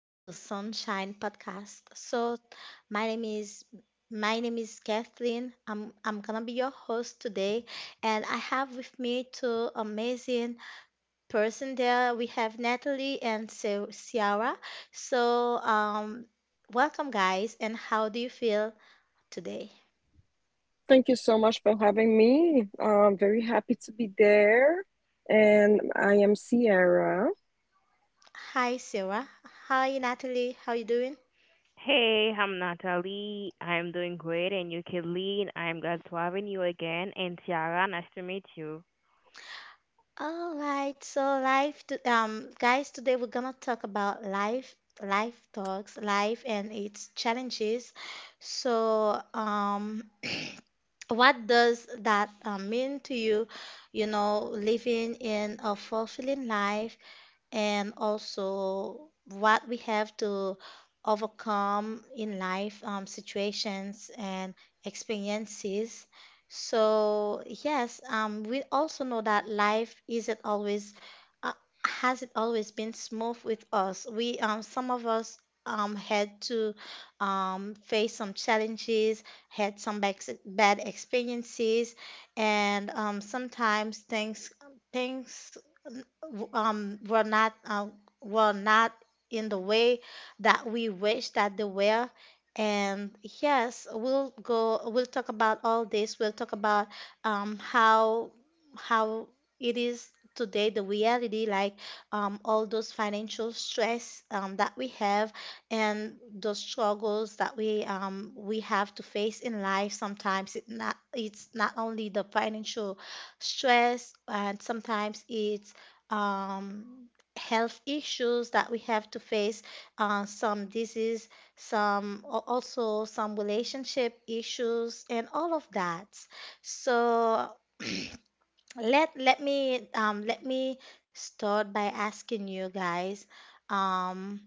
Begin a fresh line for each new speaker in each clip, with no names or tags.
Until Sunshine podcast. My name is my name is Kathleen. I'm gonna be your host today, and I have with me two amazing person there. We have Natalie and Ciara. So, um, Welcome guys. And how do you feel today?
Thank you so much for having me. I'm very happy to be there. And I am Sierra.
Hi, Sarah. Hi, Natalie. How you doing?
Hey, I'm Natalie. I'm doing great, and you, Kathleen. I'm glad to having you again. And Tiara, nice to meet you.
All right, so today we're gonna talk about life, life talks, life and its challenges. So, um what does that mean to you, you know, living in a fulfilling life? And also what we have to overcome in life situations and experiences. So yes, we also know that life isn't always uh, has it always been smooth with us. We some of us had to face some challenges, had some bad experiences, and sometimes things things w- were not in the way that we wish that they were. And yes, we'll go. We'll talk about all this. We'll talk about um, how how it is today, the reality, like all those financial stress that we have, and those struggles that we have to face in life. Sometimes it not it's not only the financial stress, and sometimes it's um, health issues that we have to face, some disease, some also some relationship issues, and all of that. So let me start by asking you guys, um,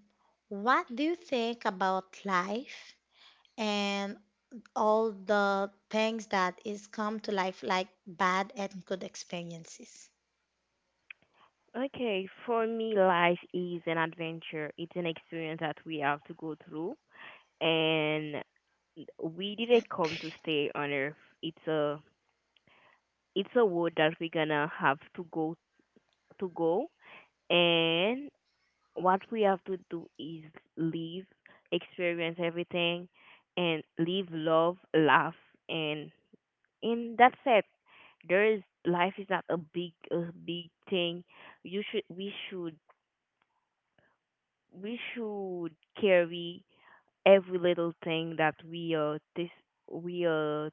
what do you think about life and all the things that is come to life, like bad and good experiences?
Okay, for me, life is an adventure. It's an experience that we have to go through, and we didn't come to stay on Earth. It's a it's a road that we're gonna have to go, and what we have to do is live, experience everything, and live, love, laugh, and that's it. There is Life is not a big thing. You should we should we should carry every little thing that we are this we are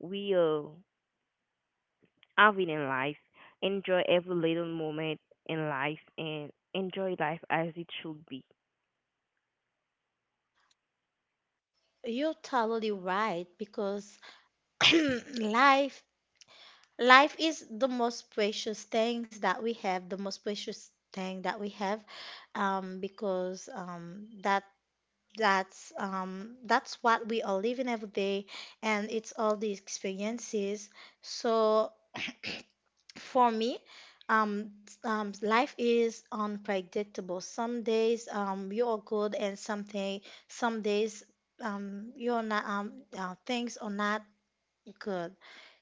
we are having in life. Enjoy every little moment in life and enjoy life as it should be.
You're totally right, because life life is the most precious thing that we have, because that's what we are living every day, and it's all the experiences. So for me, um, life is unpredictable. Some days you are good, and some days you're not things are not good,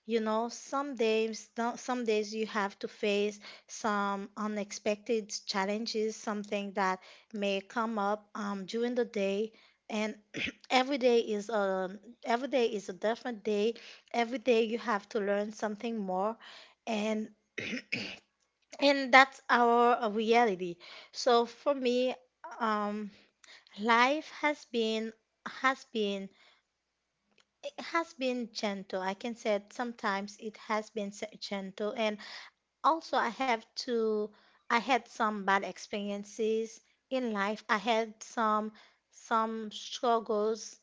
you know. Some days, no- Some days you have to face some unexpected challenges, something that may come up during the day. And every day is a every day is a different day. Every day you have to learn something more, and that's our reality. So for me, um, life has been it has been gentle. I can say sometimes it has been gentle, and also, I had some bad experiences in life. I had some struggles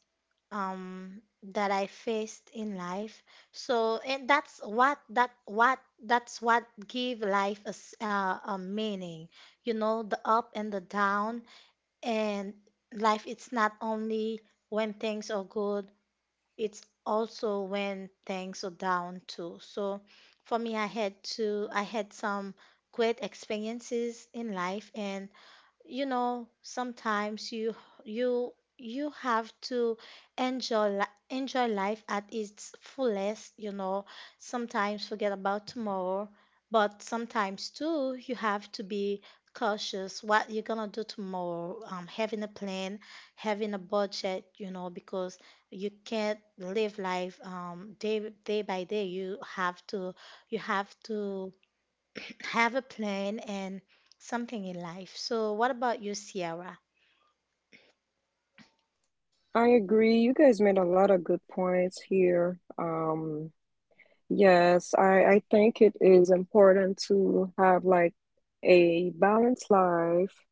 um, that I faced in life. So, and that's what give life a, a meaning. You know, the up and the down, and life. It's not only when things are good, it's also when things are down too. So for me, I had some great experiences in life, and you know, sometimes you you have to enjoy li- enjoy life at its fullest, you know. Sometimes forget about tomorrow, but sometimes too you have to be cautious what you're gonna do tomorrow. Having a plan, having a budget, you know, because you can't live life day by day. You have to you have to have a plan and something in life. So, what about you, Sierra?
I agree. You guys made a lot of good points here. Yes, I think it is important to have like a balanced life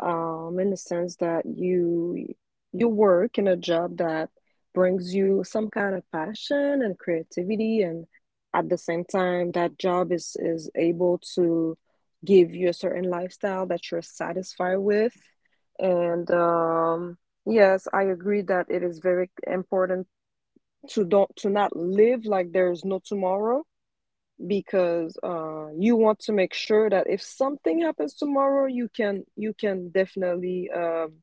in the sense that you work in a job that brings you some kind of passion and creativity, and at the same time, that job is able to give you a certain lifestyle that you're satisfied with. And Yes, I agree that it is very important to don't to not live like there's no tomorrow because you want to make sure that if something happens tomorrow, you can definitely um,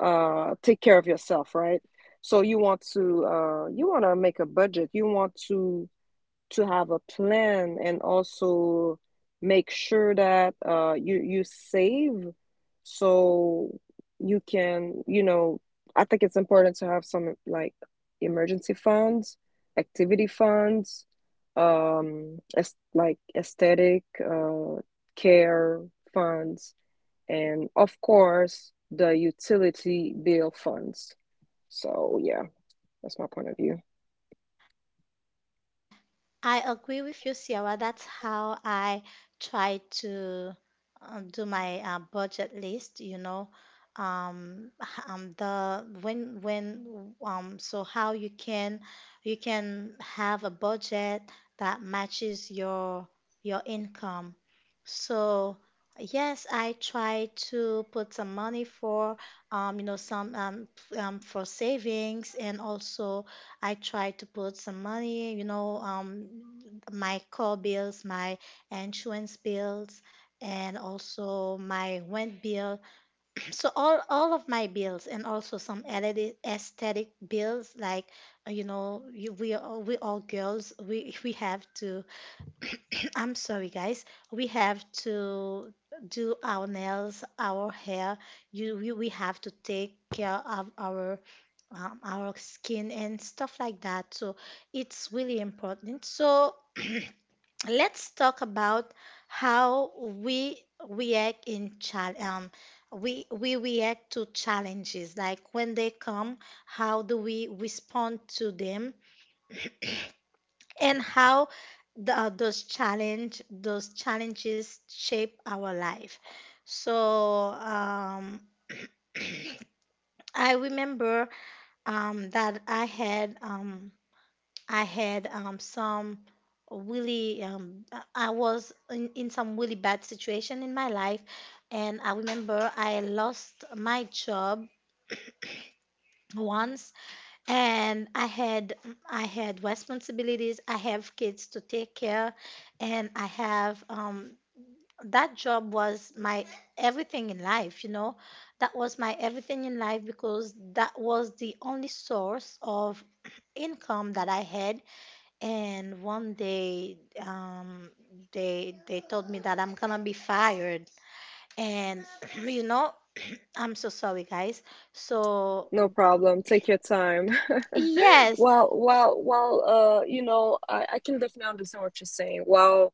uh, take care of yourself, right? So you want to make a budget. You want to have a plan and also make sure that you save so you can, you know, I think it's important to have some like emergency funds, activity funds, as like aesthetic care funds, and of course the utility bill funds. So yeah. That's my point of view.
I agree with you, Sierra. That's how I try to do my budget list, you know. H- the when So how you can have a budget that matches your income. So yes, I try to put some money for you know, for savings, and also I try to put some money, you know, my car bills, my insurance bills, and also my rent bill. So all of my bills, and also some aesthetic bills, like you know, we all girls, we we have to. I'm sorry, guys, we have to do our nails, our hair. You we have to take care of our skin and stuff like that. So it's really important. So let's talk about how react in chal um we react to challenges, like when they come, how do we respond to them, and how the, those challenges shape our life. So um I remember that I had I had I was in some really bad situation in my life, and I remember I lost my job once, and I had responsibilities. I have kids to take care, and I have that job was my everything in life, you know. That was my everything in life, because that was the only source of income that I had. And one day, um, they told me that I'm gonna be fired. And you know, I'm so sorry, guys. So
No problem. Take your time.
yes,
Well, you know, I can definitely understand what you're saying. Well,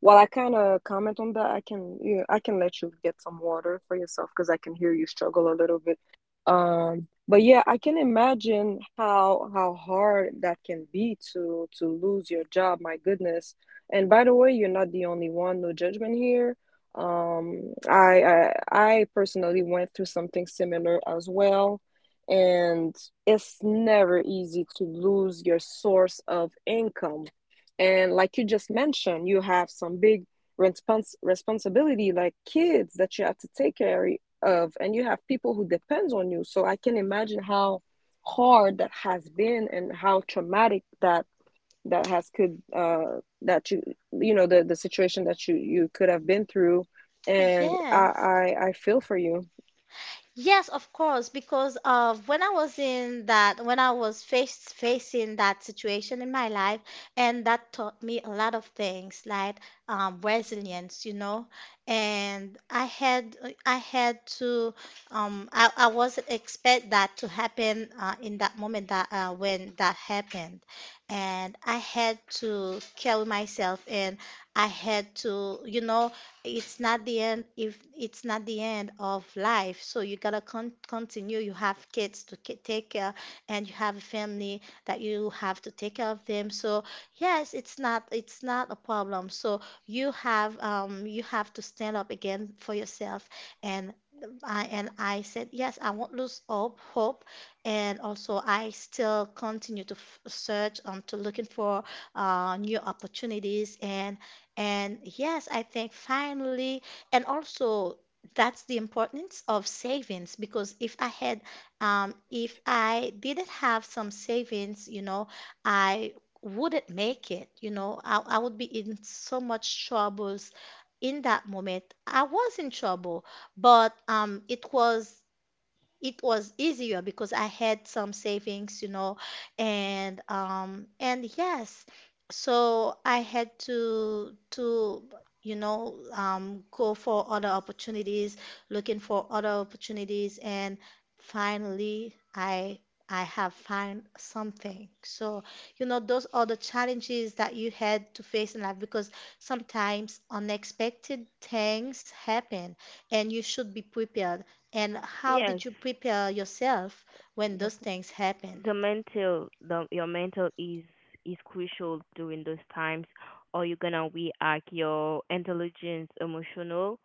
while I kind of comment on that, I can, you know, I can let you get some water for yourself because I can hear you struggle a little bit. But yeah, I can imagine how hard that can be to lose your job. My goodness. And by the way, you're not the only one. No judgment here. I personally went through something similar as well, and it's never easy to lose your source of income. And like you just mentioned, you have some big responsibility, like kids that you have to take care of, and you have people who depends on you. So I can imagine how hard that has been and how traumatic that that has could that you know the situation that you could have been through, and
yes.
I feel for you.
Yes, of course, because when I was facing that situation in my life, and that taught me a lot of things, like resilience, you know. And I had to, I wasn't expect that to happen in that moment that when that happened, and I had to carry myself, and I had to, you know, it's not the end. If it's not the end of life, so you gotta continue. You have kids to take care, and you have a family that you have to take care of them. So yes, it's not, it's not a problem. So you have um, you have to stand up again for yourself, and I said, yes, I won't lose hope. And also I still continue to search, to looking for new opportunities, and yes, I think finally, and also that's the importance of savings, because if I didn't have some savings, you know, I wouldn't make it, you know. I would be in so much troubles in that moment. I was in trouble, but it was easier because I had some savings, you know, and yes, so I had to, you know, go for other opportunities, looking for other opportunities, and finally I have found something. So, you know, those are the challenges that you had to face in life, because sometimes unexpected things happen, and you should be prepared. And how
Yes.
did you prepare yourself when
Yep.
those things happen?
the mental the your mental is crucial during those times, or you're gonna react. Your intelligence emotional,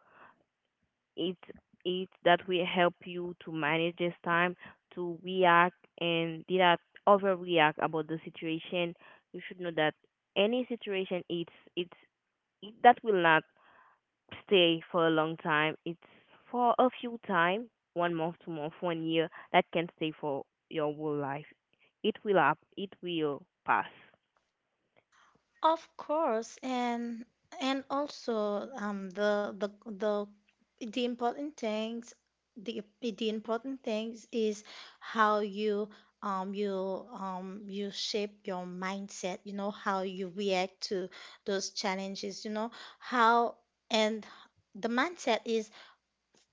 it's it that will help you to manage this time, to react and did not overreact about the situation. You should know that any situation, that will not stay for a long time. It's for a few time, one month, 2 month, one year. That can stay for your whole life. It will up. It will pass.
Of course, and also the important things the important things is how you um you you shape your mindset, you know, how you react to those challenges, you know, how, and the mindset is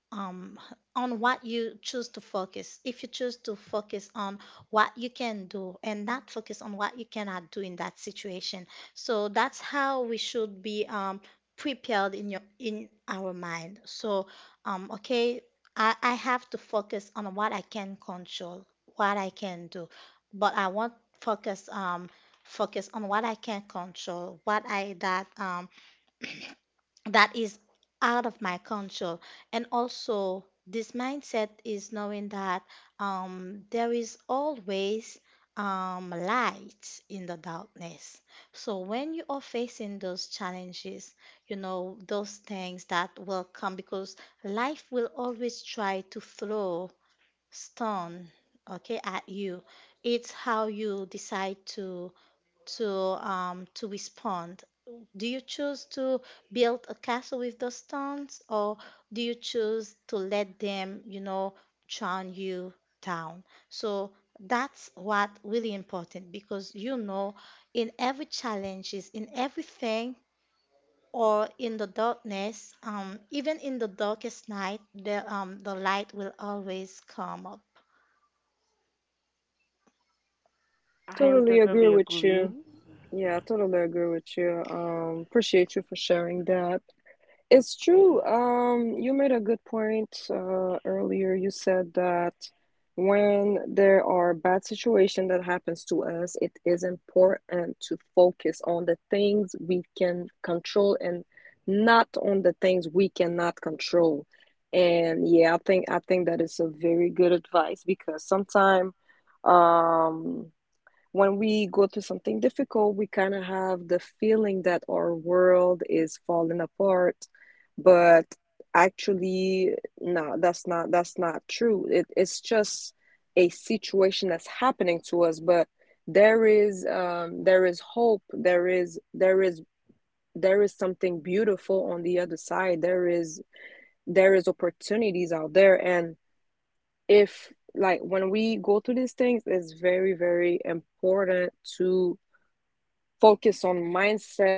um on what you choose to focus. If you choose to focus on what you can do and not focus on what you cannot do in that situation. So that's how we should be prepared in your in our mind. So okay, I have to focus on what I can control, what I can do, but I won't focus um focus on what I can control, what I that that is out of my control. And also this mindset is knowing that there is always light in the darkness. So when you are facing those challenges, you know those things that will come, because life will always try to throw stone, okay, at you. It's how you decide to to to respond. Do you choose to build a castle with those stones, or do you choose to let them, you know, churn you down? So that's what really important, because you know, in every challenges, in everything, or in the darkness, even in the darkest night, the light will always come up.
I am
Totally agree
totally
with
agree.
you. Yeah, I totally agree with you. Appreciate you for sharing that. It's true. You made a good point earlier. You said that when there are bad situation that happens to us, it is important to focus on the things we can control and not on the things we cannot control. And yeah, I think that is a very good advice because sometimes. um when we go through something difficult, we kind of have the feeling that our world is falling apart, but actually, no, that's not true. It's just a situation that's happening to us, but there is hope. There is something beautiful on the other side. There is opportunities out there, and if like when we go through these things, it's very important to focus on mindset,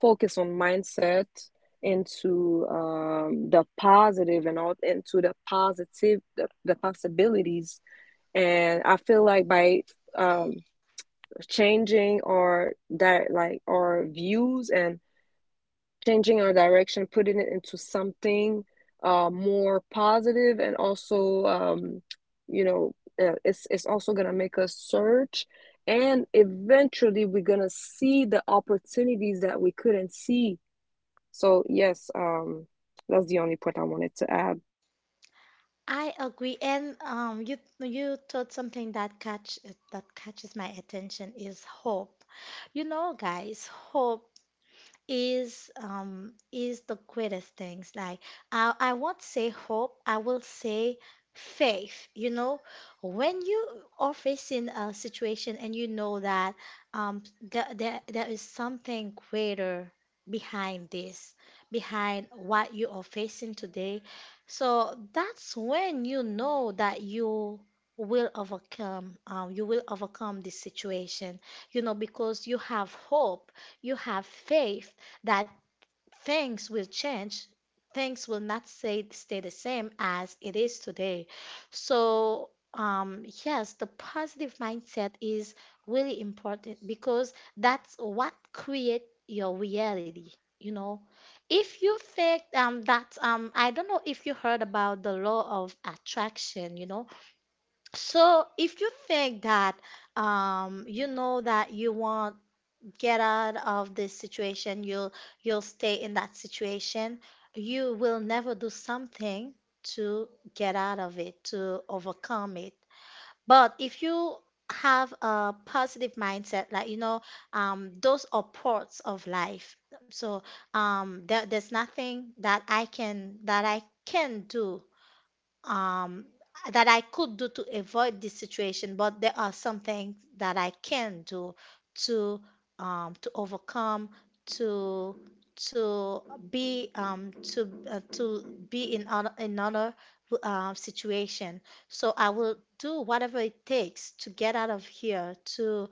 focus on mindset into the positive, and all into the positive, the possibilities. And I feel like by um, changing our that like our views and changing our direction, putting it into something more positive, and also, you know, it's also gonna make us search, and eventually we're gonna see the opportunities that we couldn't see. So yes, that's the only point I wanted to add.
I agree, and you taught something that catch that catches my attention is hope. You know, guys, hope is the greatest things. Like I won't say hope, I will say faith, you know. When you are facing a situation and you know that there is something greater behind this, behind what you are facing today, so that's when you know that you will overcome this situation, you know, because you have hope, you have faith that things will change, things will not stay the same as it is today. So yes, the positive mindset is really important, because that's what create your reality, you know. If you think that I don't know if you heard about the law of attraction, you know. So if you think that you know that you want get out of this situation, you'll stay in that situation. You will never do something to get out of it, to overcome it. But if you have a positive mindset, like you know, those are parts of life. So there's nothing that I can do um, that I could do to avoid this situation, but there are some things that I can do to to overcome, to to be to be in another situation. So I will do whatever it takes to get out of here, to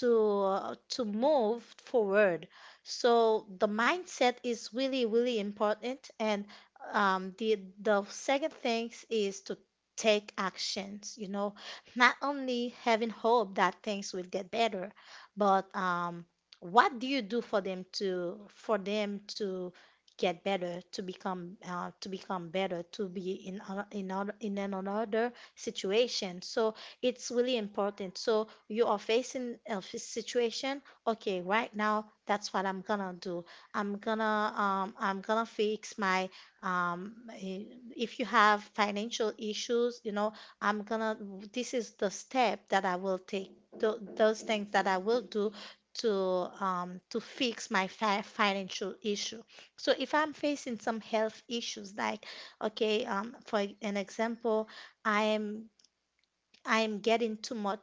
to move forward. So the mindset is really really important, and the second thing is to take actions. You know, not only having hope that things will get better, but what do you do for them to get better, to become better, to be in an another situation. So it's really important. So you are facing a situation. Okay, right now that's what I'm gonna do. I'm gonna fix my um, i- if you have financial issues, you know, I'm gonna, this is the step that I will take, those things that I will do to to fix my fi financial issue. So if I'm facing some health issues, like, okay, for an example, I am I'm getting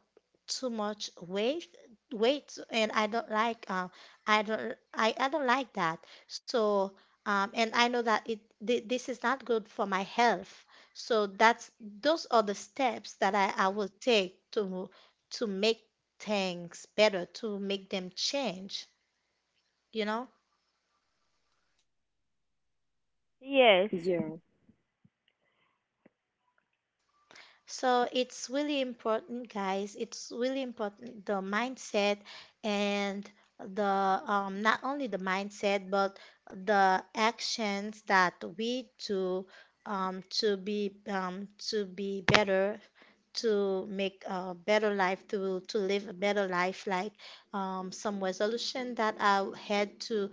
too much weight and I don't like I don't like that, so and I know that this is not good for my health, so that's those are the steps that I will take to make things better, to make them change you know
Yes,
Yeah.
So it's really important, guys. It's really important the mindset and the not only the mindset but the actions that we do to be better, to make a better life, to live a better life. Like some resolution that I had to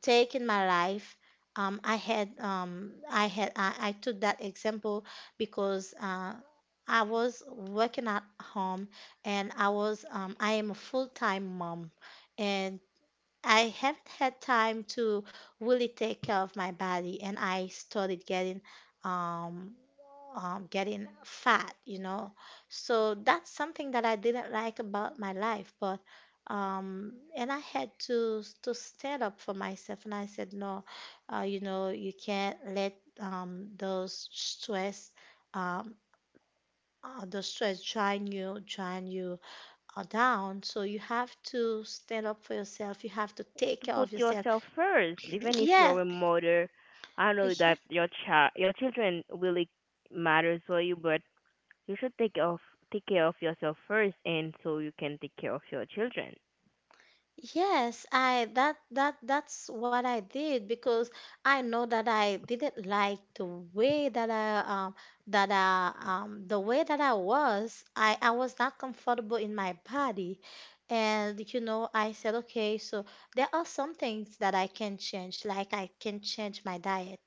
take in my life. I took that example because I was working at home, and I am a full-time mom, and I haven't had time to really take care of my body, and I started getting um, getting fat, you know. So that's something that I didn't like about my life, but and I had to stand up for myself, and I said, no, you know, you can't let those stress, um, the stress drain you down. So you have to stand up for yourself. You have to take
to
care
put
of yourself.
yourself first, even if you're a mother. I
Yeah,
know
yeah.
that your children really matters for you, but you should take care of yourself first, and so you can take care of your children.
Yes, I that that's what I did because I know that I didn't like the way that I the way that I was. I was not comfortable in my body. And you know, I said, okay, so there are some things that I can change, like I can change my diet.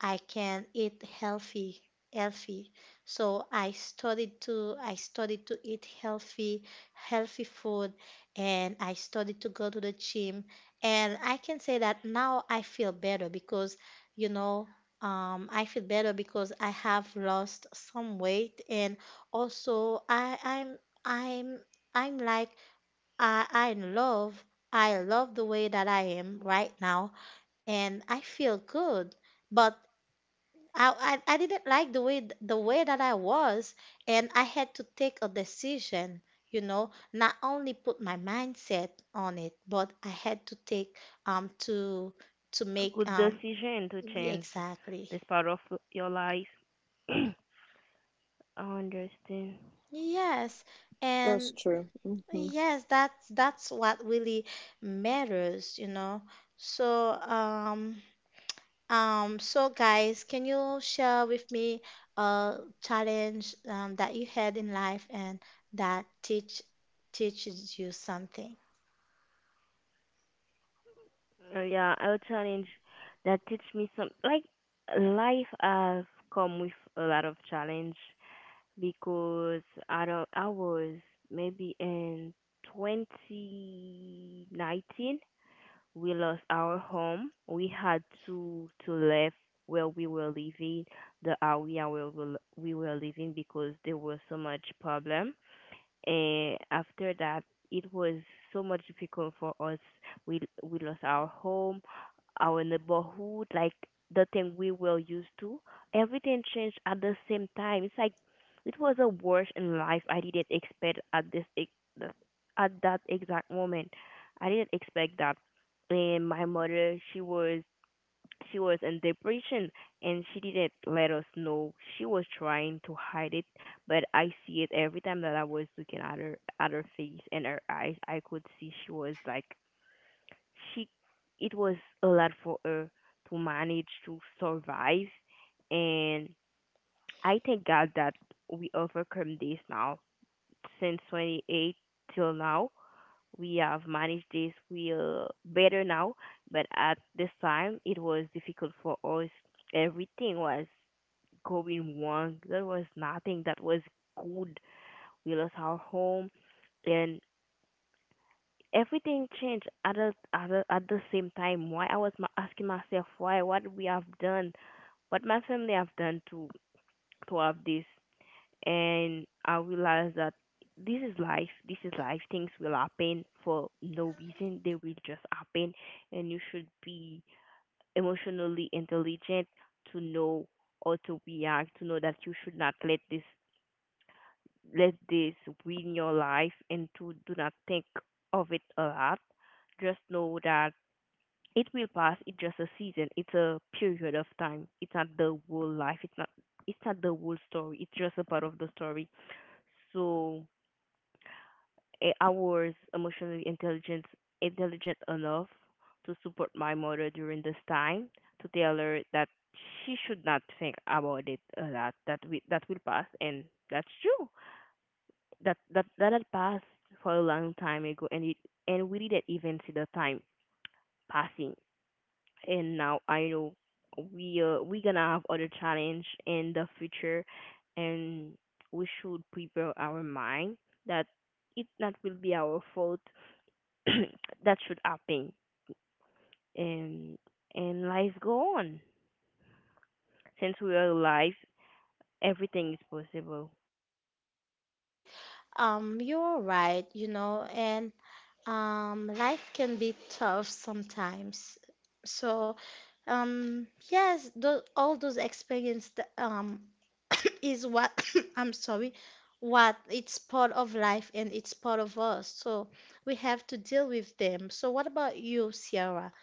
I can eat healthy, healthy. So I started to eat healthy, healthy food, and I started to go to the gym. And I can say that now I feel better because, you know, I feel better because I have lost some weight, and also I'm I'm like I I love I love the way that I am right now, and I feel good. But I didn't like the way the way that I was, and I had to take a decision, you know, not only put my mindset on it, but I had to take um to to
A
make
good decision to change
exactly.
this part of your life. I understand.
Yes. And
That's true.
yes, that's what really matters, you know. So um, so guys, can you share with me a challenge that you had in life and that teaches you something?
Yeah, I'll challenge that teach me some, like, life has come with a lot of challenge because I don't I was maybe in 2019 we lost our home. We had to leave where we were living, the area where we were living because there was so much problem. And after that, it was so much difficult for us. We lost our home, our neighborhood, like the thing we were used to. Everything changed at the same time. It's like it was a worst in life I didn't expect at the- at that exact moment. I didn't expect that. And my mother, she was in depression, and she didn't let us know. She was trying to hide it, but I see it every time that I was looking at her face and her eyes. I could see she was like she it was a lot for her to manage, to survive. And I thank God that we overcome this now. Since 28 till now we have managed this wheel better now, but at this time it was difficult for us. Everything was going wrong. There was nothing that was good. We lost our home, and everything changed at the same time. Why I was asking myself why, what we have done, what my family have done to have this. And I realized that this is life. This is life. Things will happen for no reason. They will just happen, and you should be emotionally intelligent to know or to react. To know that you should not let this win your life, and to do not think of it a lot. Just know that it will pass. It's just a season. It's a period of time. It's not the whole life. It's not. It's not the whole story. It's just a part of the story. So I was emotionally intelligent enough to support my mother during this time, to tell her that she should not think about it a lot, that will pass. And that's true, that that had passed for a long time ago, and it and we didn't even see the time passing. And now I know we gonna have other challenge in the future, and we should prepare our mind that it not will be our fault that should happen. And life go on. Since we are alive, everything is possible.
You're right, you know, and life can be tough sometimes. So, yes, all those experience that, is what I'm sorry, what it's part of life and it's part of us. So we have to deal with them. So what about you, Sierra?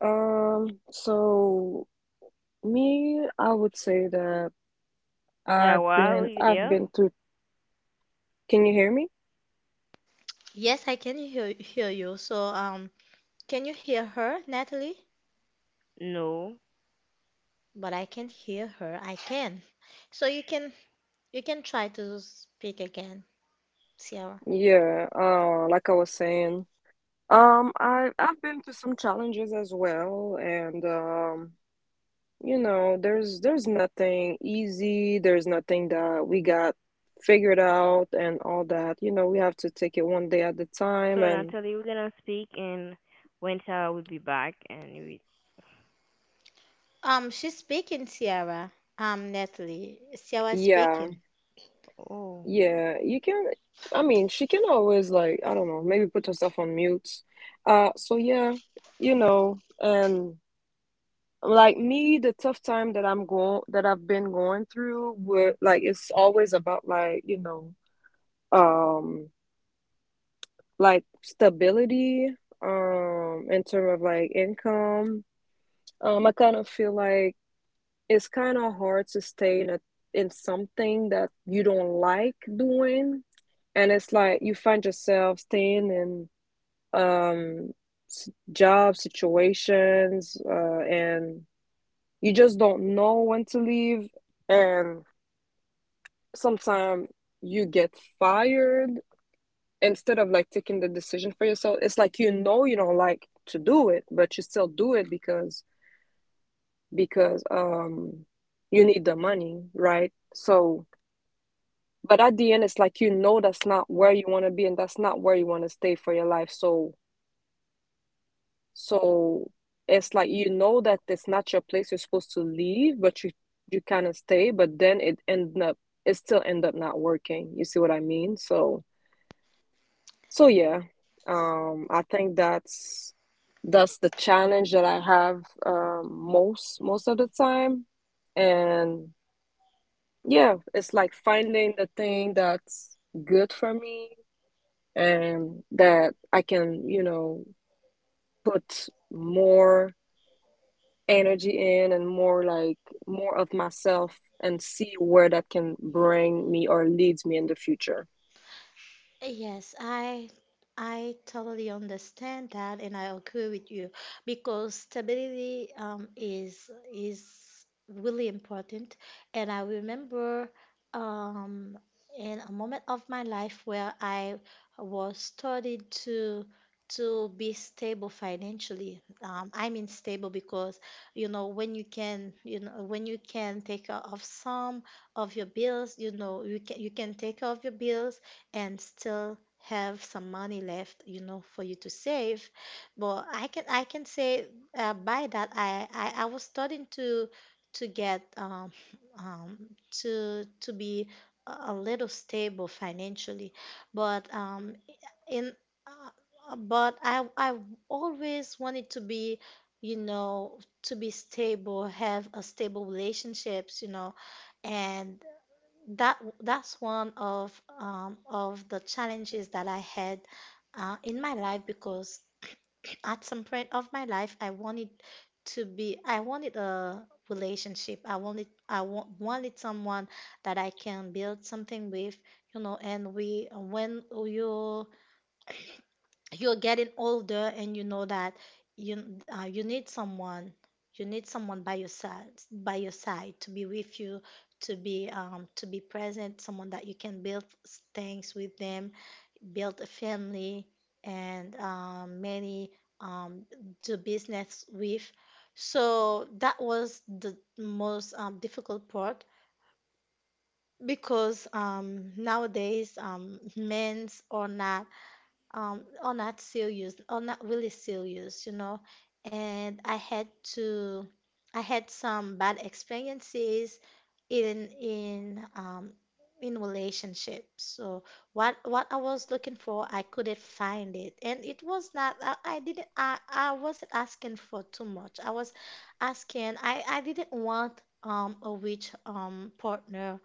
So me, I would say that
Yeah, wow, are you
I've
there?
been through, can you hear me?
Yes, I can hear, hear you. So, can you hear her, Natalie?
No.
But I can't hear her. I can. So you can try to speak again, Sierra.
Yeah, like I was saying, I've been through some challenges as well, and you know, there's nothing easy, there's nothing that we got figured out and all that. You know, we have to take it one day at a
So,
time and
Natalie, we're gonna speak, and when Sarah will be back, and we...
She's speaking, Sierra. Natalie, Sierra is
yeah.
speaking.
Oh,
Yeah, you can. I mean, she can always like, I don't know, maybe put herself on mute. So yeah, you know, and like me, the tough time that I've been going through, were like it's always about, like, you know, um, like stability, in terms of like income. I kind of feel like it's kind of hard to stay in a in something that you don't like doing, and it's like you find yourself staying in um job situations, and you just don't know when to leave, and sometimes you get fired instead of like taking the decision for yourself. It's like, you know, you don't like to do it, but you still do it because because um you need the money, right? So, but at the end, it's like, you know, that's not where you want to be, and that's not where you want to stay for your life. So it's like you know that it's not your place, you're supposed to leave, but you kind of stay, but then it still end up not working. You see what I mean? So so yeah, I think that's the challenge that I have most of the time, and yeah, it's like finding the thing that's good for me and that I can, you know, put more energy in, and more like more of myself, and see where that can bring me or leads me in the future.
Yes, I totally understand that, and I agree with you because stability is really important. And I remember um in a moment of my life where I was started to be stable financially. I mean stable because you know when you can take care of some of your bills, you know you can take care of your bills and still have some money left, you know, for you to save. But I can say by that, I was starting to get um to be a little stable financially, but um in but I always wanted to be, you know, to be stable, have a stable relationships, you know. And that's one of the challenges that I had in my life because at some point of my life I wanted a relationship, I wanted I wa- wanted someone that I can build something with, you know. And we when you're getting older and you know that you you need someone, by your side, to be with you, to be present, someone that you can build things with them, build a family, and many um, do business with. So that was the most difficult part because nowadays men's are not or not serious or not really serious, you know. And I had to I had some bad experiences in in relationships. So what I was looking for, I couldn't find it. And it was not I, I didn't I wasn't asking for too much. I was asking I didn't want a rich partner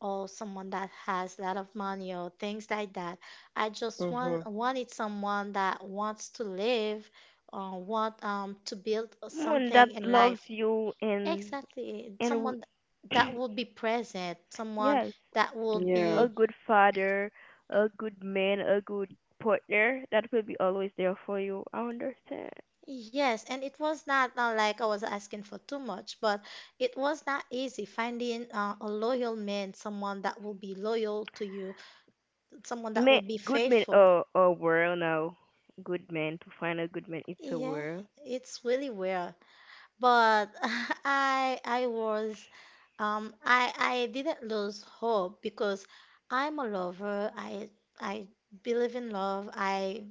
or someone that has a lot of money or things like that. I just
Mm-hmm.
want wanted someone that wants to live, want to build
one
something
that
in
loves
life.
you, and
Exactly.
and w-
Someone that would be present, someone
yes,
that would
Yeah.
a
be,
good father, a good man, a good partner that will be always there for you. I understand.
yes, and it was not like I was asking for too much, but it was not easy finding a loyal man, someone that will be loyal to you, someone that
Ma-
will be
Good man,
faithful.
oh, a world now. Good man. To find a good man, it's a
Yeah,
world
it's really rare. But I was I didn't lose hope because I'm a lover. I believe in love.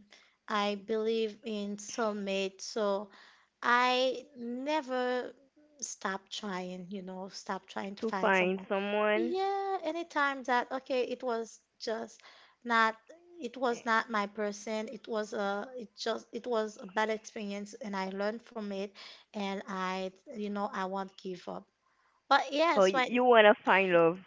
I believe in soulmate. So I never stop trying, you know, stop trying to
to
find
find
someone.
someone.
Yeah, anytime that, okay, it was just not, it was
eh,
not my person. It was a, it just, it was a bad experience and I learned from it. And I, you know, I won't give up. But
Oh,
yes,
you,
when,
you wanna find love.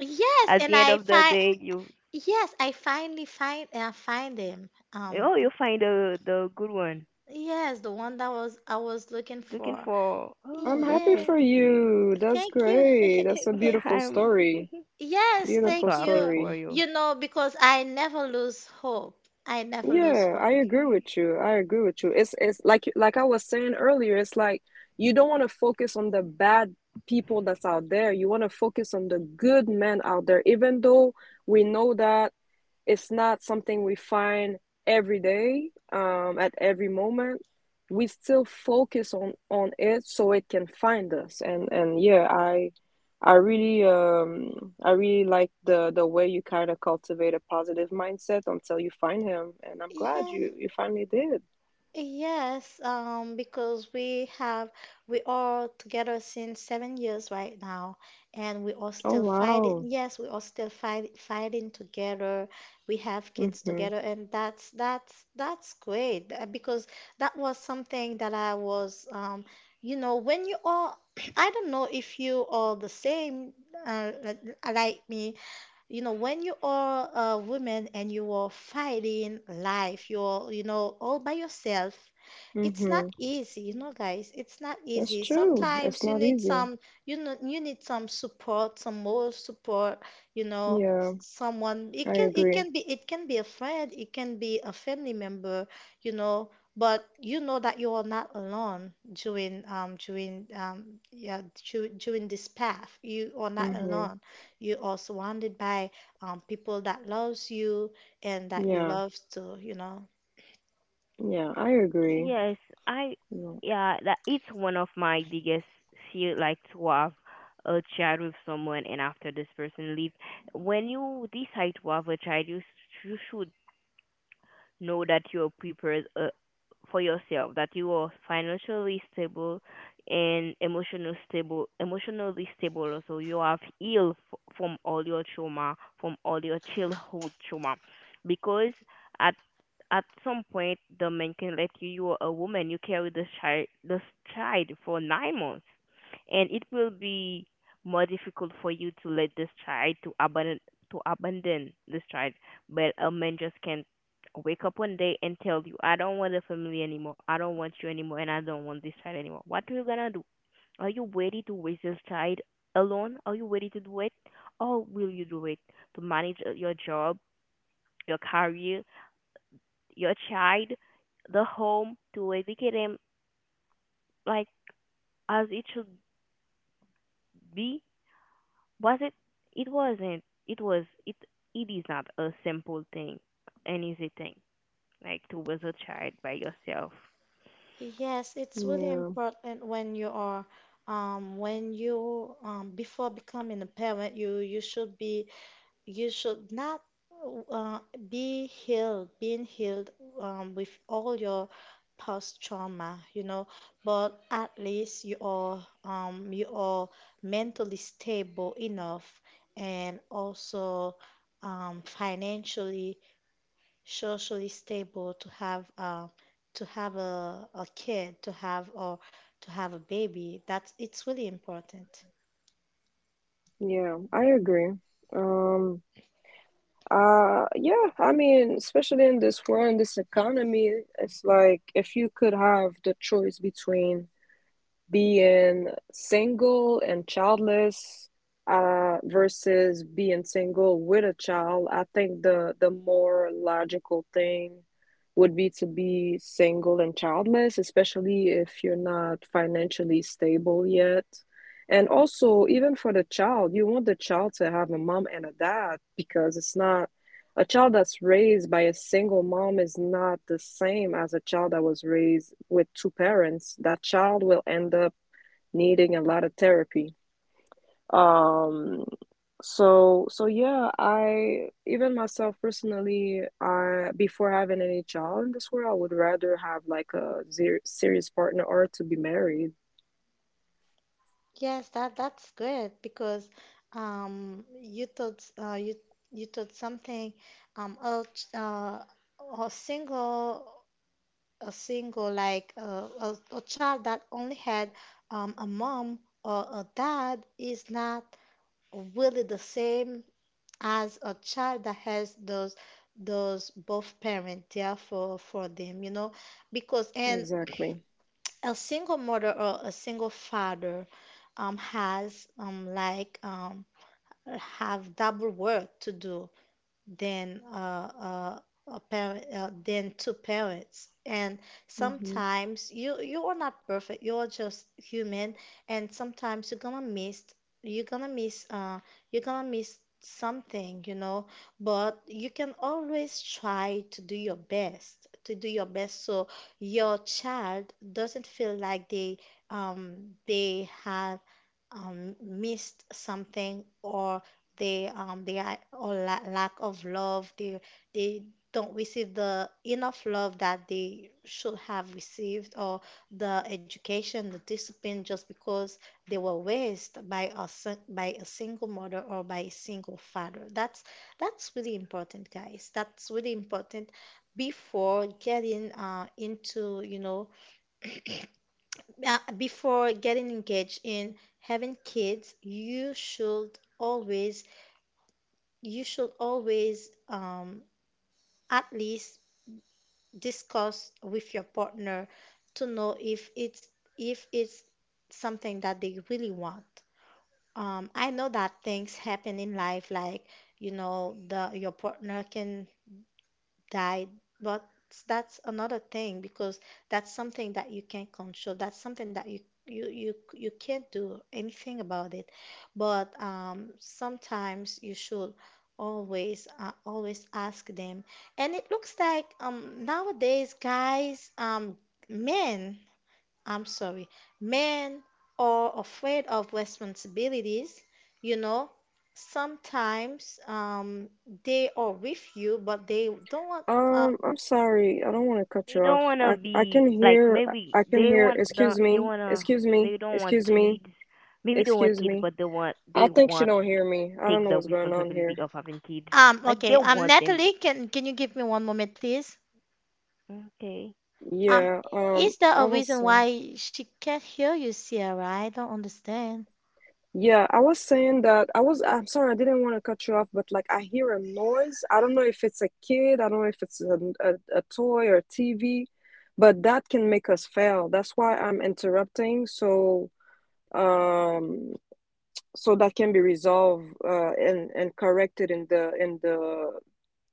yes,
At
and
the end
I
of the
find,
day, you...
yes, I find him.
Oh, you find the good one.
Yes, the one that I was looking
Looking
for.
for.
I'm
Oh, that's
happy
so
Yes.
for
she.
you. That's
Thank you.
great. That's a
Thank-
beautiful
I'm...
story.
yes,
I'm so
Beautiful
thank
happy
you.
story.
for you.
You know, because I never lose hope. I never lose
Yeah, I
hope.
agree
Okay.
with you. I agree with you. It's like I was saying earlier, it's like you don't want to focus on the bad people that's out there. You want to focus on the good men out there, even though we know that. It's not something we find every day, at every moment. We still focus on it so it can find us. And yeah, I really like the way you kind of cultivate a positive mindset until you find him. And I'm glad
Yeah.
you you finally did.
Yes, because we are together since 7 years right now, and we are
Oh
still
wow.
fighting. Yes, we are still fighting together. We have kids
Mm-hmm.
together, and that's great because that was something that I was, you know, when you are, I don't know if you are the same, uh, like like me, you know, when you are a woman and you are fighting life, you're, you know, all by yourself, it's not
Mm-hmm.
easy, you know, guys, it's not
That's
easy.
true. It's
Sometimes you
not
need
easy.
some, you know, you need some support, some more support, you know,
Yeah,
someone. It
I
can
agree.
be, it can be a friend, it can be a family member, you know. But you know that you are not alone during yeah during this path. You are not
Mm-hmm.
alone. You are surrounded by people that loves you and that you
Yeah.
love to, you know.
Yeah, I agree.
Yes, I...
Yeah.
yeah, that it's one of my biggest fear, like to have a child with someone and after this person leave. When you decide to have a child, you should know that you're prepared, for yourself, that you are financially stable and emotionally stable. Also, you have healed from all your trauma, from all your childhood trauma, because at at some point the man can let you. You are a woman. You carry the child for 9 months, and it will be more difficult for you to let this child to abandon this child. But a man just can wake up one day and tell you, "I don't want a family anymore, I don't want you anymore, and I don't want this child anymore." What are you gonna do? Are you ready to raise this child alone? Are you ready to do it? Or will you do it, to manage your job, your career, your child, the home, to educate him like as it should be? Was it? It wasn't. It was. It. It is not a simple thing, an easy thing, like to raise a child by yourself.
Yes, it's really
Yeah.
important when you are when you before becoming a parent, you should be, you should not uh, being healed with all your past trauma, you know, but at least you are mentally stable enough, and also financially, socially stable to have a kid, to have, or to have a baby. That's it's really important.
Yeah, I agree. Um, yeah, I mean, especially in this world, in this economy, it's like if you could have the choice between being single and childless, versus being single with a child, I think the more logical thing would be to be single and childless, especially if you're not financially stable yet. And also, even for the child, you want the child to have a mom and a dad because it's not a child that's raised by a single mom is not the same as a child that was raised with two parents. That child will end up needing a lot of therapy. Um, so so yeah, I, even myself personally, I before having any child in this world, I would rather have like a serious partner or to be married.
Yes, that's good because you thought you you thought something a ch- a single like a child that only had a mom or a dad is not really the same as a child that has those both parents there for them. Because and
Exactly.
a single mother or a single father has have double work to do than a parent than two parents. And
hmm
sometimes you are not perfect. You're just human, and sometimes you're gonna miss you're gonna miss uh, you're gonna miss something, you know. But you can always try to do your best. To do your best so your child doesn't feel like they have missed something or they are or la lack of love. They don't receive the enough love that they should have received or the education, the discipline, just because they were raised by a single mother or by a single father. That's really important, guys. That's really important. Before getting into, you know, before getting engaged in having kids, you should always you should always um, at least discuss with your partner to know if it's something that they really want. I know that things happen in life, like, you know, the your partner can died, but that's another thing because that's something that you can't control. That's something that you can't do anything about it. But sometimes you should always always ask them. And it looks like nowadays, guys, men, I'm sorry, men are afraid of responsibilities. You know, sometimes they are with you, but they don't want. Uh,
I'm sorry, I don't want to cut
They
you off.
don't want to
I
be
can
like,
hear
maybe
I can hear.
they want to, they don't want kids, maybe they want
Excuse
kids,
me.
but they want
I
they
think she
want
don't hear me. I don't
take
know
the
what's going on
responsibility
here.
of having kids, like, they
okay,
want them.
Natalie, can you give me one moment, please?
Okay.
Um,
Yeah.
is there
I
a
was
reason
saying.
why she can't hear you, Sierra? I don't understand.
Yeah, I was saying that I'm sorry, I didn't want to cut you off, but like I hear a noise. I don't know if it's a kid, I don't know if it's a toy or TV, but that can make us fail. That's why I'm interrupting. So, um, so that can be resolved and corrected in the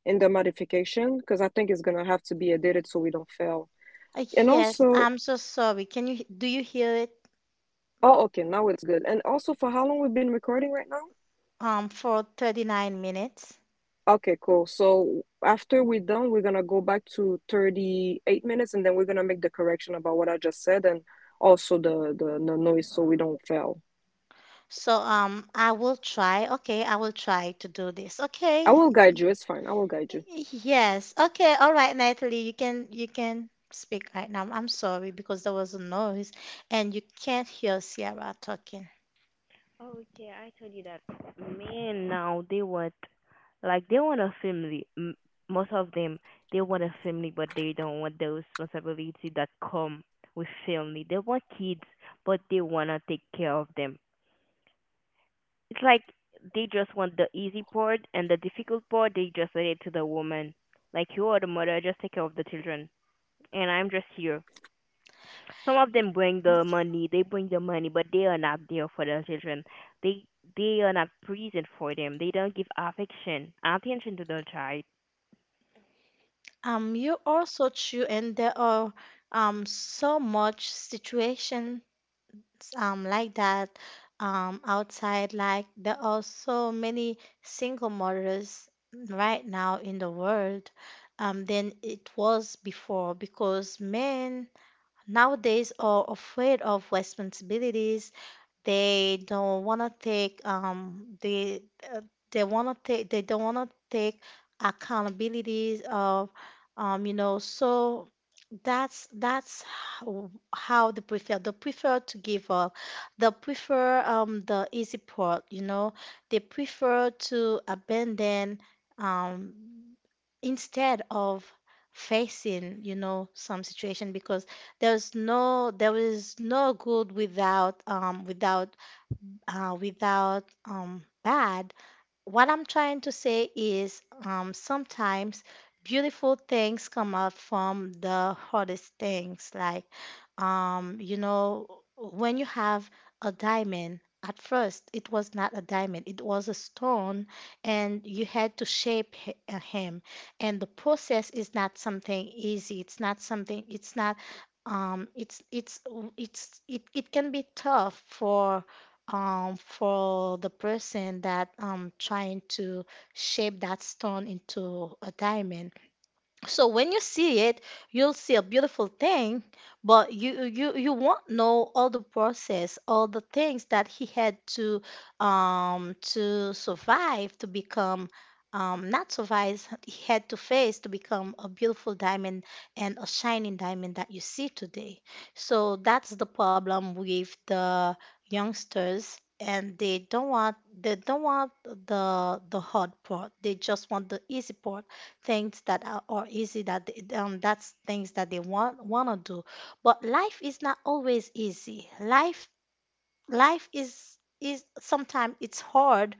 in the modification because I think it's gonna have to be edited so we don't fail. And
Yes,
also,
I'm so sorry. Can you do you hear it?
oh, okay, now it's good. And also, for how long we've been recording right now?
For 39 minutes.
Okay, cool. So after we're done, we're gonna go back to 38 minutes, and then we're gonna make the correction about what I just said and also the noise so we don't fail.
So I will try. Okay, I will try to do this.
I
Okay.
will guide you. It's fine. I will guide you.
Yes. Okay. All right, Natalie, you can speak right now. I'm sorry because there was a noise and you can't hear Sierra talking.
Oh, that men now they want, like, they want a family. Most of them, they want a family, but they don't want the responsibility that come with family. They want kids, but they want to take care of them. It's like they just want the easy part, and the difficult part they just let it to the woman. Like, you are the mother, just take care of the children. And I'm just here. Some of them bring the money, they bring the money, but they are not there for the children. They they are not present for them. They don't give affection, attention to the child.
You also true, and there are so much situations like that outside. Like there are so many single mothers right now in the world than it was before because men nowadays are afraid of responsibilities. They don't want to take uh, they want to take They don't want to take accountabilities of you know. So that's how they prefer to give up. They prefer the easy part, you know. They prefer to abandon um instead of facing, you know, some situation because there is no good without without bad. What I'm trying to say is, sometimes beautiful things come out from the hardest things. Like, you know, when you have a diamond, at first it was not a diamond, it was a stone, and you had to shape him. And the process is not something easy. It's not something, it's not, um, it's, it's, it can be tough for the person that trying to shape that stone into a diamond. So when you see it, you'll see a beautiful thing, but you won't know all the process, all the things that he had to survive to become not survive, he had to face to become a beautiful diamond and a shining diamond that you see today. So that's the problem with the youngsters. And they don't want the hard part. They just want the easy part things that are or easy that they- that's things that they want to do. But life is not always easy. Life life is sometimes it's hard,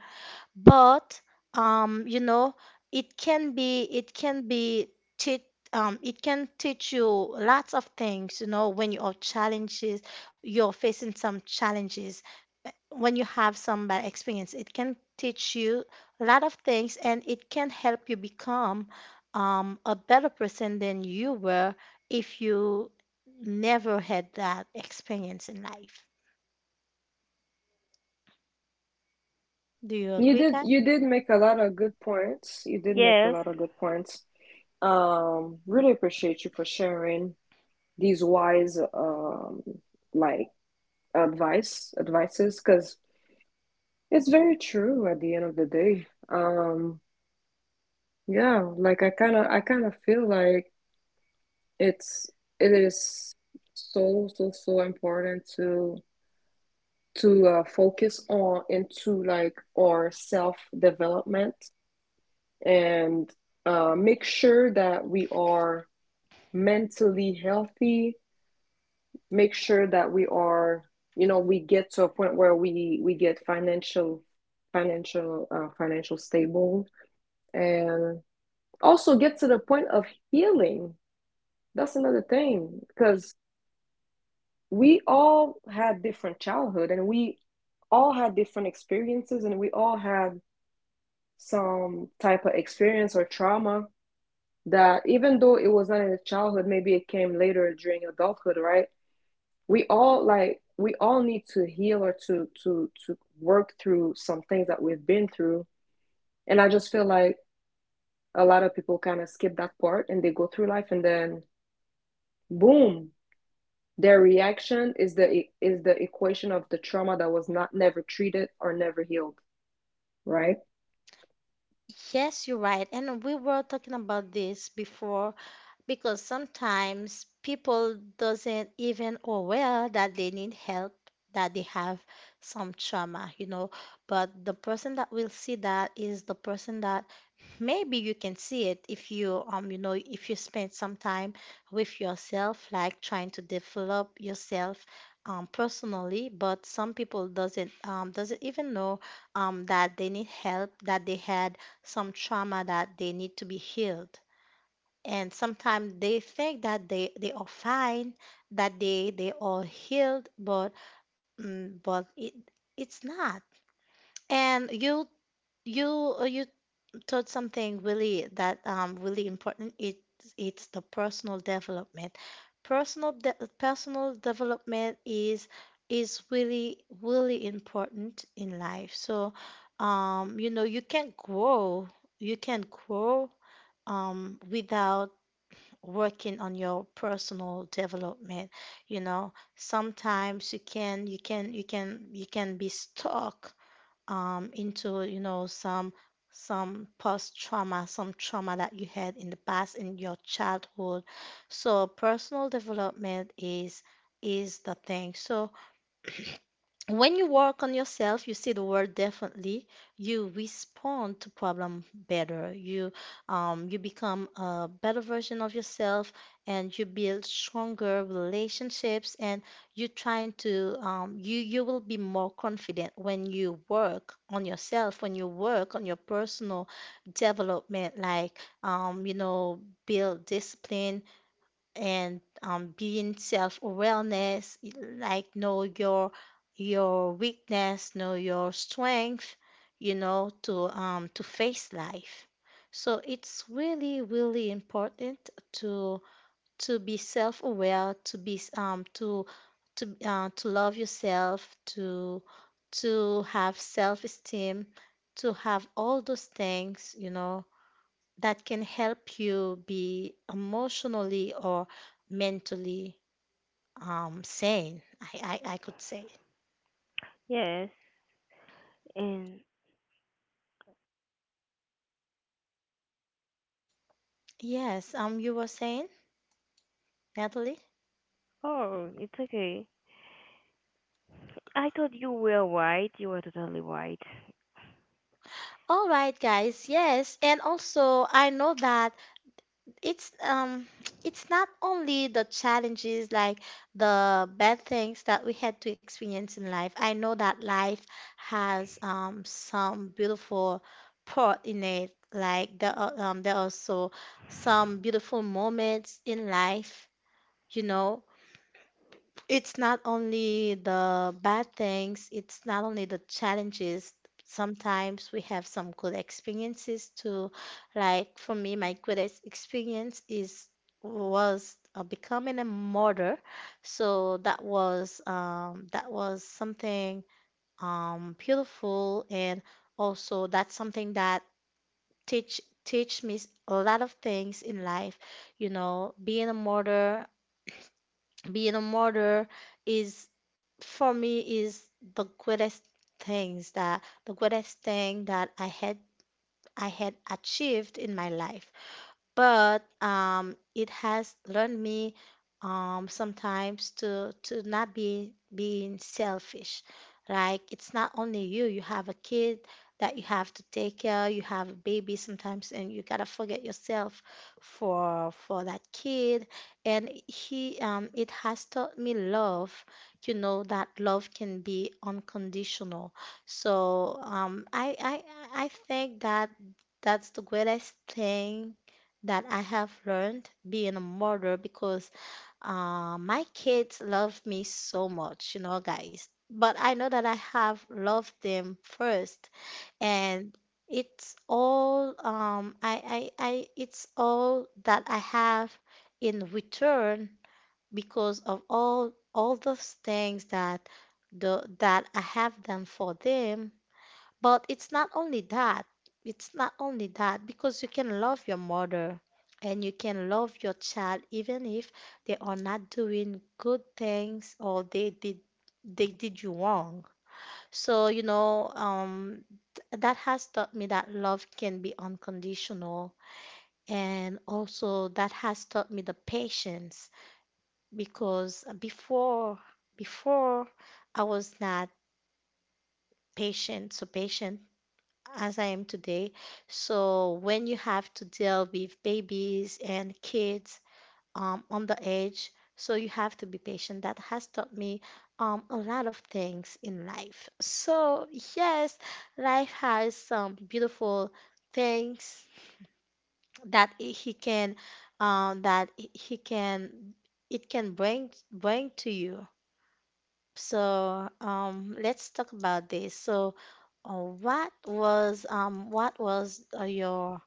but you know, it can be teach it can teach you lots of things, you know. When you are challenges, you're facing some challenges, when you have some bad experience, it can teach you a lot of things, and it can help you become a better person than you were if you never had that experience in life. Do you agree, guy?
You did make a lot of good points. You did make a
Yes,
lot of good points. Really appreciate you for sharing. These wise like advice advices because it's very true at the end of the day. Yeah, I kind of feel like it's it is so important to focus on into like our self development, and make sure that we are mentally healthy, make sure that we are, you know, we get to a point where we get financial stable, and also get to the point of healing. That's another thing, because we all had different childhood, and we all had different experiences, and we all had some type of experience or trauma that, even though it was not in the childhood, maybe it came later during adulthood, right? We all need to heal, or to work through some things that we've been through. And I just feel like a lot of people kind of skip that part, and they go through life, and then boom, their reaction is is the equation of the trauma that was not never treated or never healed, right?
Yes, you're right. And we were talking about this before because sometimes people doesn't even aware that they need help, that they have some trauma, you know. But the person that will see that is the person that. Maybe you can see it if you you know, if you spend some time with yourself, like trying to develop yourself personally. But some people doesn't even know that they need help, that they had some trauma that they need to be healed. And sometimes they think that they are fine, that they are healed, but but it it's not. And you you taught something really that really important. It's the personal development. Personal development is really, really important in life. So you know, you can grow you can grow without working on your personal development. You know, sometimes you can be stuck into, you know, some post trauma, some trauma that you had in the past in your childhood. So personal development is the thing. So when you work on yourself, you see the world differently. You respond to problem better. You you become a better version of yourself, and you build stronger relationships. And you trying to you you will be more confident when you work on yourself. When you work on your personal development, like you know, build discipline, and being self-awareness, like know your weakness, know your strength, you know, to face life. So it's really, really important to be self-aware, to be to love yourself, to have self-esteem, to have all those things, you know, that can help you be emotionally or mentally sane, I could say.
yes. And
Yes, you were saying, Natalie?
oh, it's okay. I thought you were right. You were totally right.
All right, guys. Yes, and also I know that it's it's not only the challenges, like the bad things that we had to experience in life. I know that life has some beautiful part in it. Like there are also some beautiful moments in life, you know. It's not only the bad things, it's not only the challenges. Sometimes we have some good experiences too. Like for me, my good experience is was becoming a mother. So that was, that was something beautiful, and also that's something that teach me a lot of things in life. You know, being a mother is for me is the greatest the greatest thing that I had achieved in my life. But it has learned me sometimes to not be being selfish. Like it's not only you, you have a kid that you have to take care, you have a baby sometimes, and you gotta forget yourself for that kid. And he it has taught me love, you know, that love can be unconditional. So I think that that's the greatest thing that I have learned being a mother, because my kids love me so much, you know, guys. But I know that I have loved them first, and it's all it's all that I have in return because of all those things that the that I have done for them. But it's not only that. It's not only that, because you can love your mother and you can love your child even if they are not doing good things, or they did you wrong. So, you know, that has taught me that love can be unconditional, and also that has taught me the patience because before I was not patient, so patient as I am today. So when you have to deal with babies and kids on the edge, so you have to be patient. That has taught me a lot of things in life. So yes, life has some beautiful things that he can it can bring to you. So let's talk about this. So, uh, what was your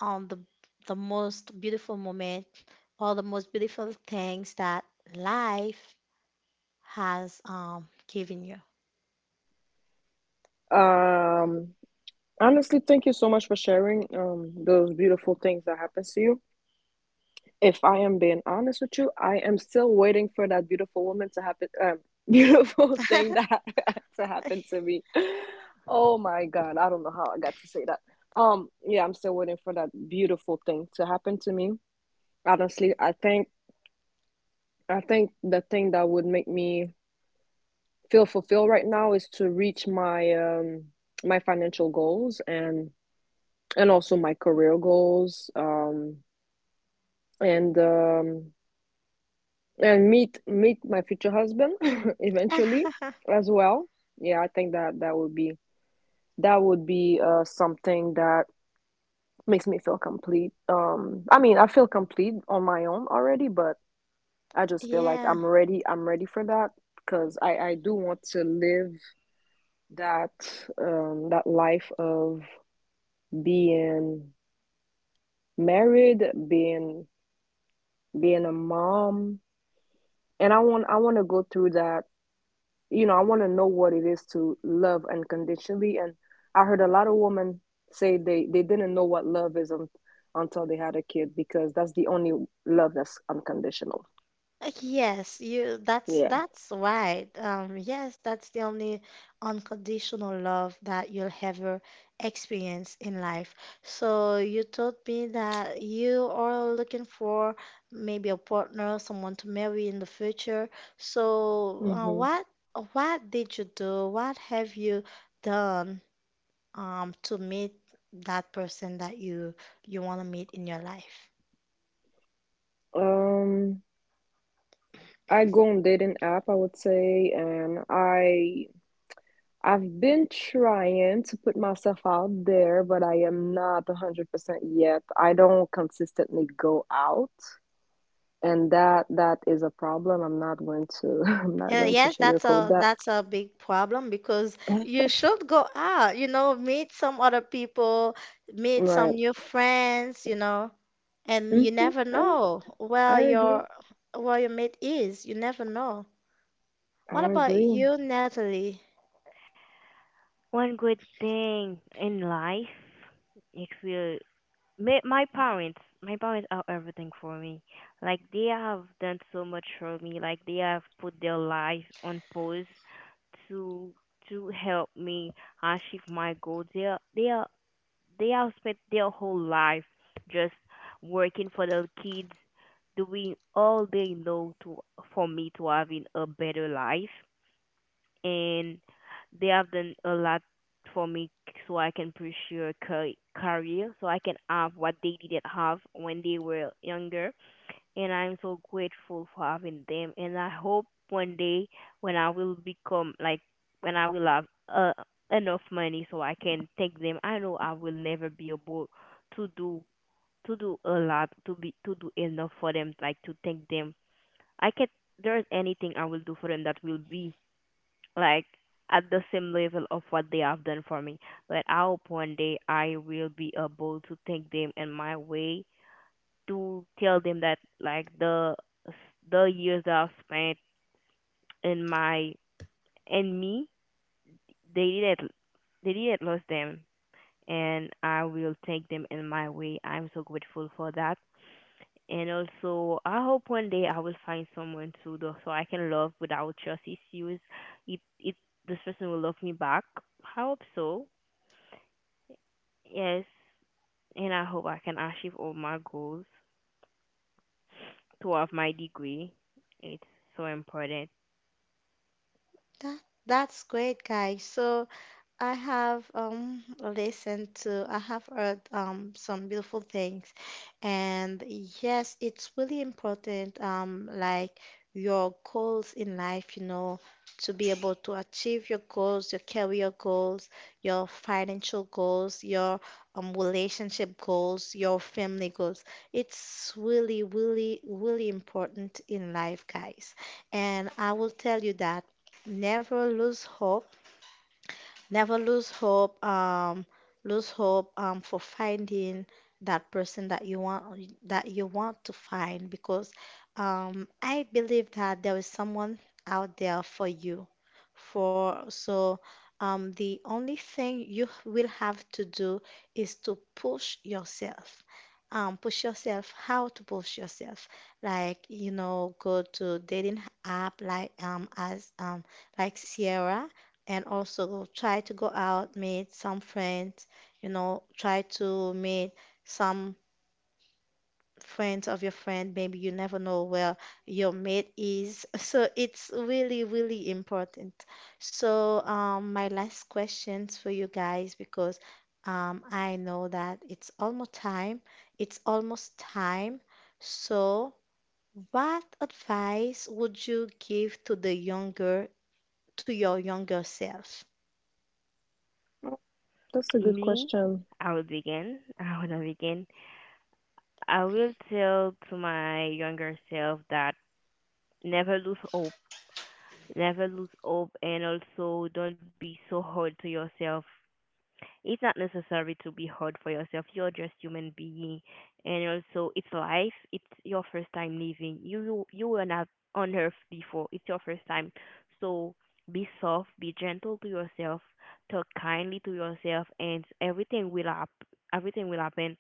um the the most beautiful moment or the most beautiful things that life has given you?
um Honestly, thank you so much for sharing those beautiful things that happens to you. If I am being honest with you, I am still waiting for that beautiful woman to happen, beautiful thing that to happen to me. Oh my God, I don't know how I got to say that. Yeah, I'm still waiting for that beautiful thing to happen to me. Honestly, I think the thing that would make me feel fulfilled right now is to reach my my financial goals, and also my career goals. And um and meet my future husband eventually as well. Yeah, I think that that would be something that makes me feel complete. I mean, I feel complete on my own already, but I just feel like
Yeah.
I'm ready. I'm ready for that, because I do want to live that that life of being married, being being a mom, and I want to go through that, you know, I want to know what it is to love unconditionally. And I heard a lot of women say they didn't know what love is until they had a kid, because that's the only love that's unconditional.
Yes, you
Yeah.
that's right. Yes, that's the only unconditional love that you'll ever experience in life. So you told me that you are looking for maybe a partner, someone to marry in the future. So
Hmm.
what did you do? What have you done to meet that person that you want to meet in your life?
Um, I go on dating app, I would say, and I've been trying to put myself out there, but I am not 100% yet. I don't consistently go out, and that is a problem. I'm not going to I'm not going to
Yes,
sugarcoat that.
that's a big problem because you should go out, you know, meet some other people, meet some
Right.
new friends, you know, and you
Hmm.
never
I,
know
I agree.
where your mate is. You never know.
I
What about
agree.
you, Natalie?
One good thing in life, if will. My parents are everything for me. Like, they have done so much for me, like they have put their life on pause to to help me achieve my goals. They have spent their whole life just working for the kids, doing all they know to, for me to having a better life, and they have done a lot for me so I can pursue a career, so I can have what they didn't have when they were younger. And I'm so grateful for having them, and I hope one day when I will become, like, when I will have enough money so I can take them. I know I will never be able to do, a lot, to do enough for them, like to take them. I can't. There's anything I will do for them that will be like at the same level of what they have done for me. But I hope one day I will be able to take them in my way, to tell them that, like, the years that I've spent in my in me, they didn't they didn't lose them, and I will take them in my way. I'm so grateful for that. And also, I hope one day I will find someone to do, so I can love without just issues. It, it, this person will love me back. I hope so. Yes, and I hope I can achieve all my goals, to have my degree. It's so important.
That that's great, guys. So, I have listened to, I have heard some beautiful things, and yes, it's really important like your goals in life, you know, to be able to achieve your goals, your career goals, your financial goals, your relationship goals, your family goals. It's really, really, really important in life, guys. And I will tell you that never lose hope. Never lose hope, lose hope for finding that person that you want to find because I believe that there is someone out there for you. For so the only thing you will have to do is to push yourself. Push yourself. How to push yourself? Like you know, go to dating app like as like Sierra, and also try to go out, meet some friends, you know, try to meet some friends of your friend. Maybe you never know where your mate is. So it's really, really important. So, my last questions for you guys because I know that it's almost time. It's almost time. So, what advice would you give to the younger, to your younger self?
Oh, that's a good
Me,
question.
I will begin. I wanna begin. I will tell to my younger self that never lose hope. Never lose hope, and also don't be so hard to yourself. It's not necessary to be hard for yourself. You're just human being, and also it's life. It's your first time living. You were not on earth before. It's your first time, so be soft, be gentle to yourself, talk kindly to yourself, and everything will up. Everything will happen.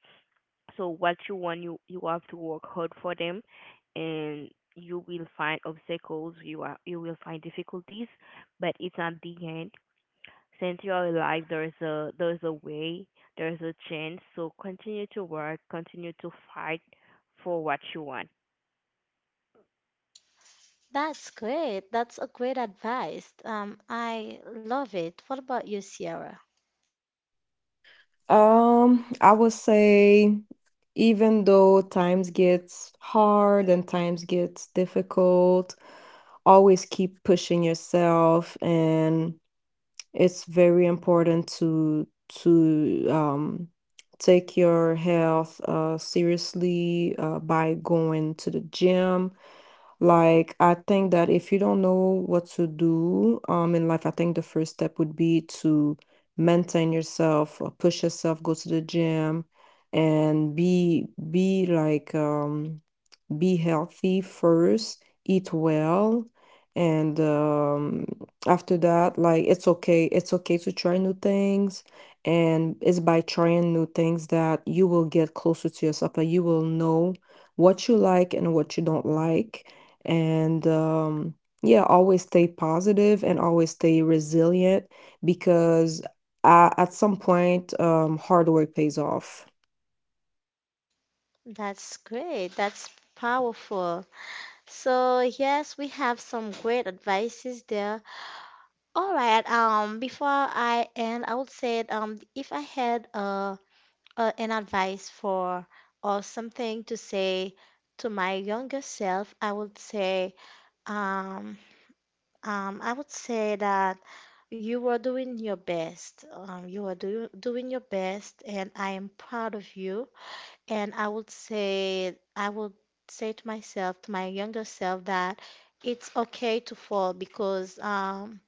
So what you want, you have to work hard for them, and you will find obstacles. You will find difficulties, but it's not the end. Since you are alive, there's a, way, there's a chance. So continue to work, continue to fight for what you want.
That's great. That's a great advice. I love it. What about you, Sierra?
I would say, even though times gets hard and times gets difficult, always keep pushing yourself. And it's very important to take your health seriously by going to the gym. I think that if you don't know what to do in life, I think the first step would be to maintain yourself, push yourself, go to the gym, and be healthy first, eat well, and after that, like, it's okay. It's okay to try new things, and it's by trying new things that you will get closer to yourself, and you will know what you like and what you don't like, and yeah, always stay positive and always stay resilient, because at some point, hard work pays off.
That's great. That's powerful. So, yes, we have some great advices there. All right. Before I end, I would say if I had an advice for or something to say to my younger self, um, I would say that you are doing your best. You are do doing your best, and I am proud of you. And I would say to myself, to my younger self, that it's okay to fall because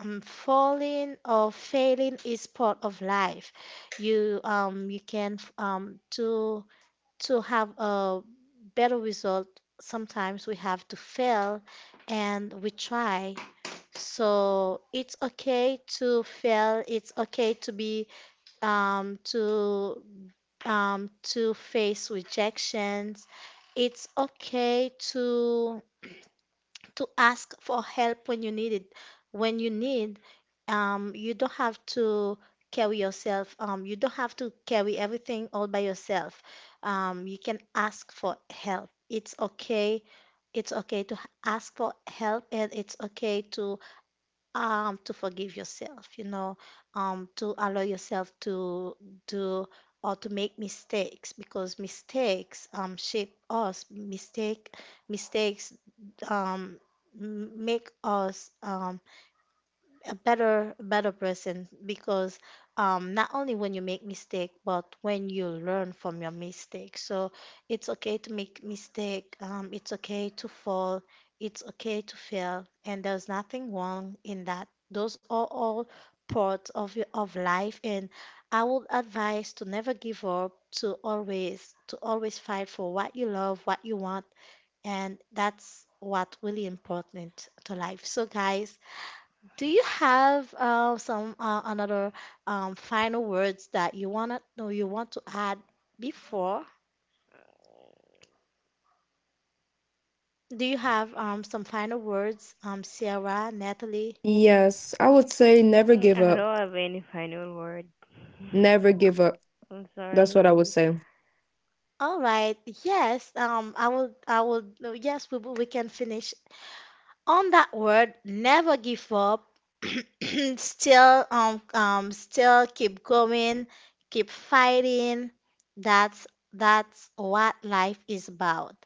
falling or failing is part of life. You you can to have a better result. Sometimes we have to fail, and we try. So it's okay to fail. It's okay to be um, to um, to face rejections. It's okay to ask for help when you need it. When you need, you don't have to carry yourself. You don't have to carry everything all by yourself. You can ask for help. It's okay. It's okay to ask for help, and it's okay to forgive yourself, you know, to allow yourself to do or to make mistakes, because mistakes shape us. Mistakes um make us a better person, because not only when you make mistake, but when you learn from your mistake. So it's okay to make mistake, it's okay to fall, it's okay to fail, and there's nothing wrong in that. Those are all parts of of life, and I would advise to never give up, to always fight for what you love, what you want, and that's what really important to life. So guys, do you have some another final words that you wanna no you want to add before? Do you have some final words, Sierra, Natalie?
Yes, I would say never
Mm,
give
I
up.
don't have any final word.
Never give up.
I'm
That's
sorry.
what I would say.
All right. Yes. I will. I will. No, Yes. We can finish on that word, never give up. Still still keep going, keep fighting. That's what life is about.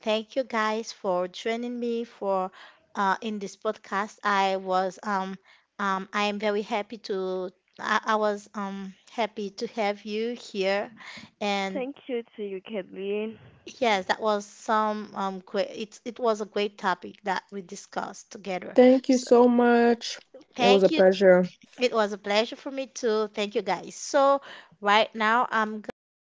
Thank you guys for joining me for in this podcast. I am very happy to I was happy to have you here, and
Thank you to you, Kathleen.
yes, that was some great, it was a great topic that we discussed together.
Thank you
So,
so much. It was
thank
a
you.
pleasure.
It was a pleasure for me too. Thank you guys. So right now I'm gonna stop.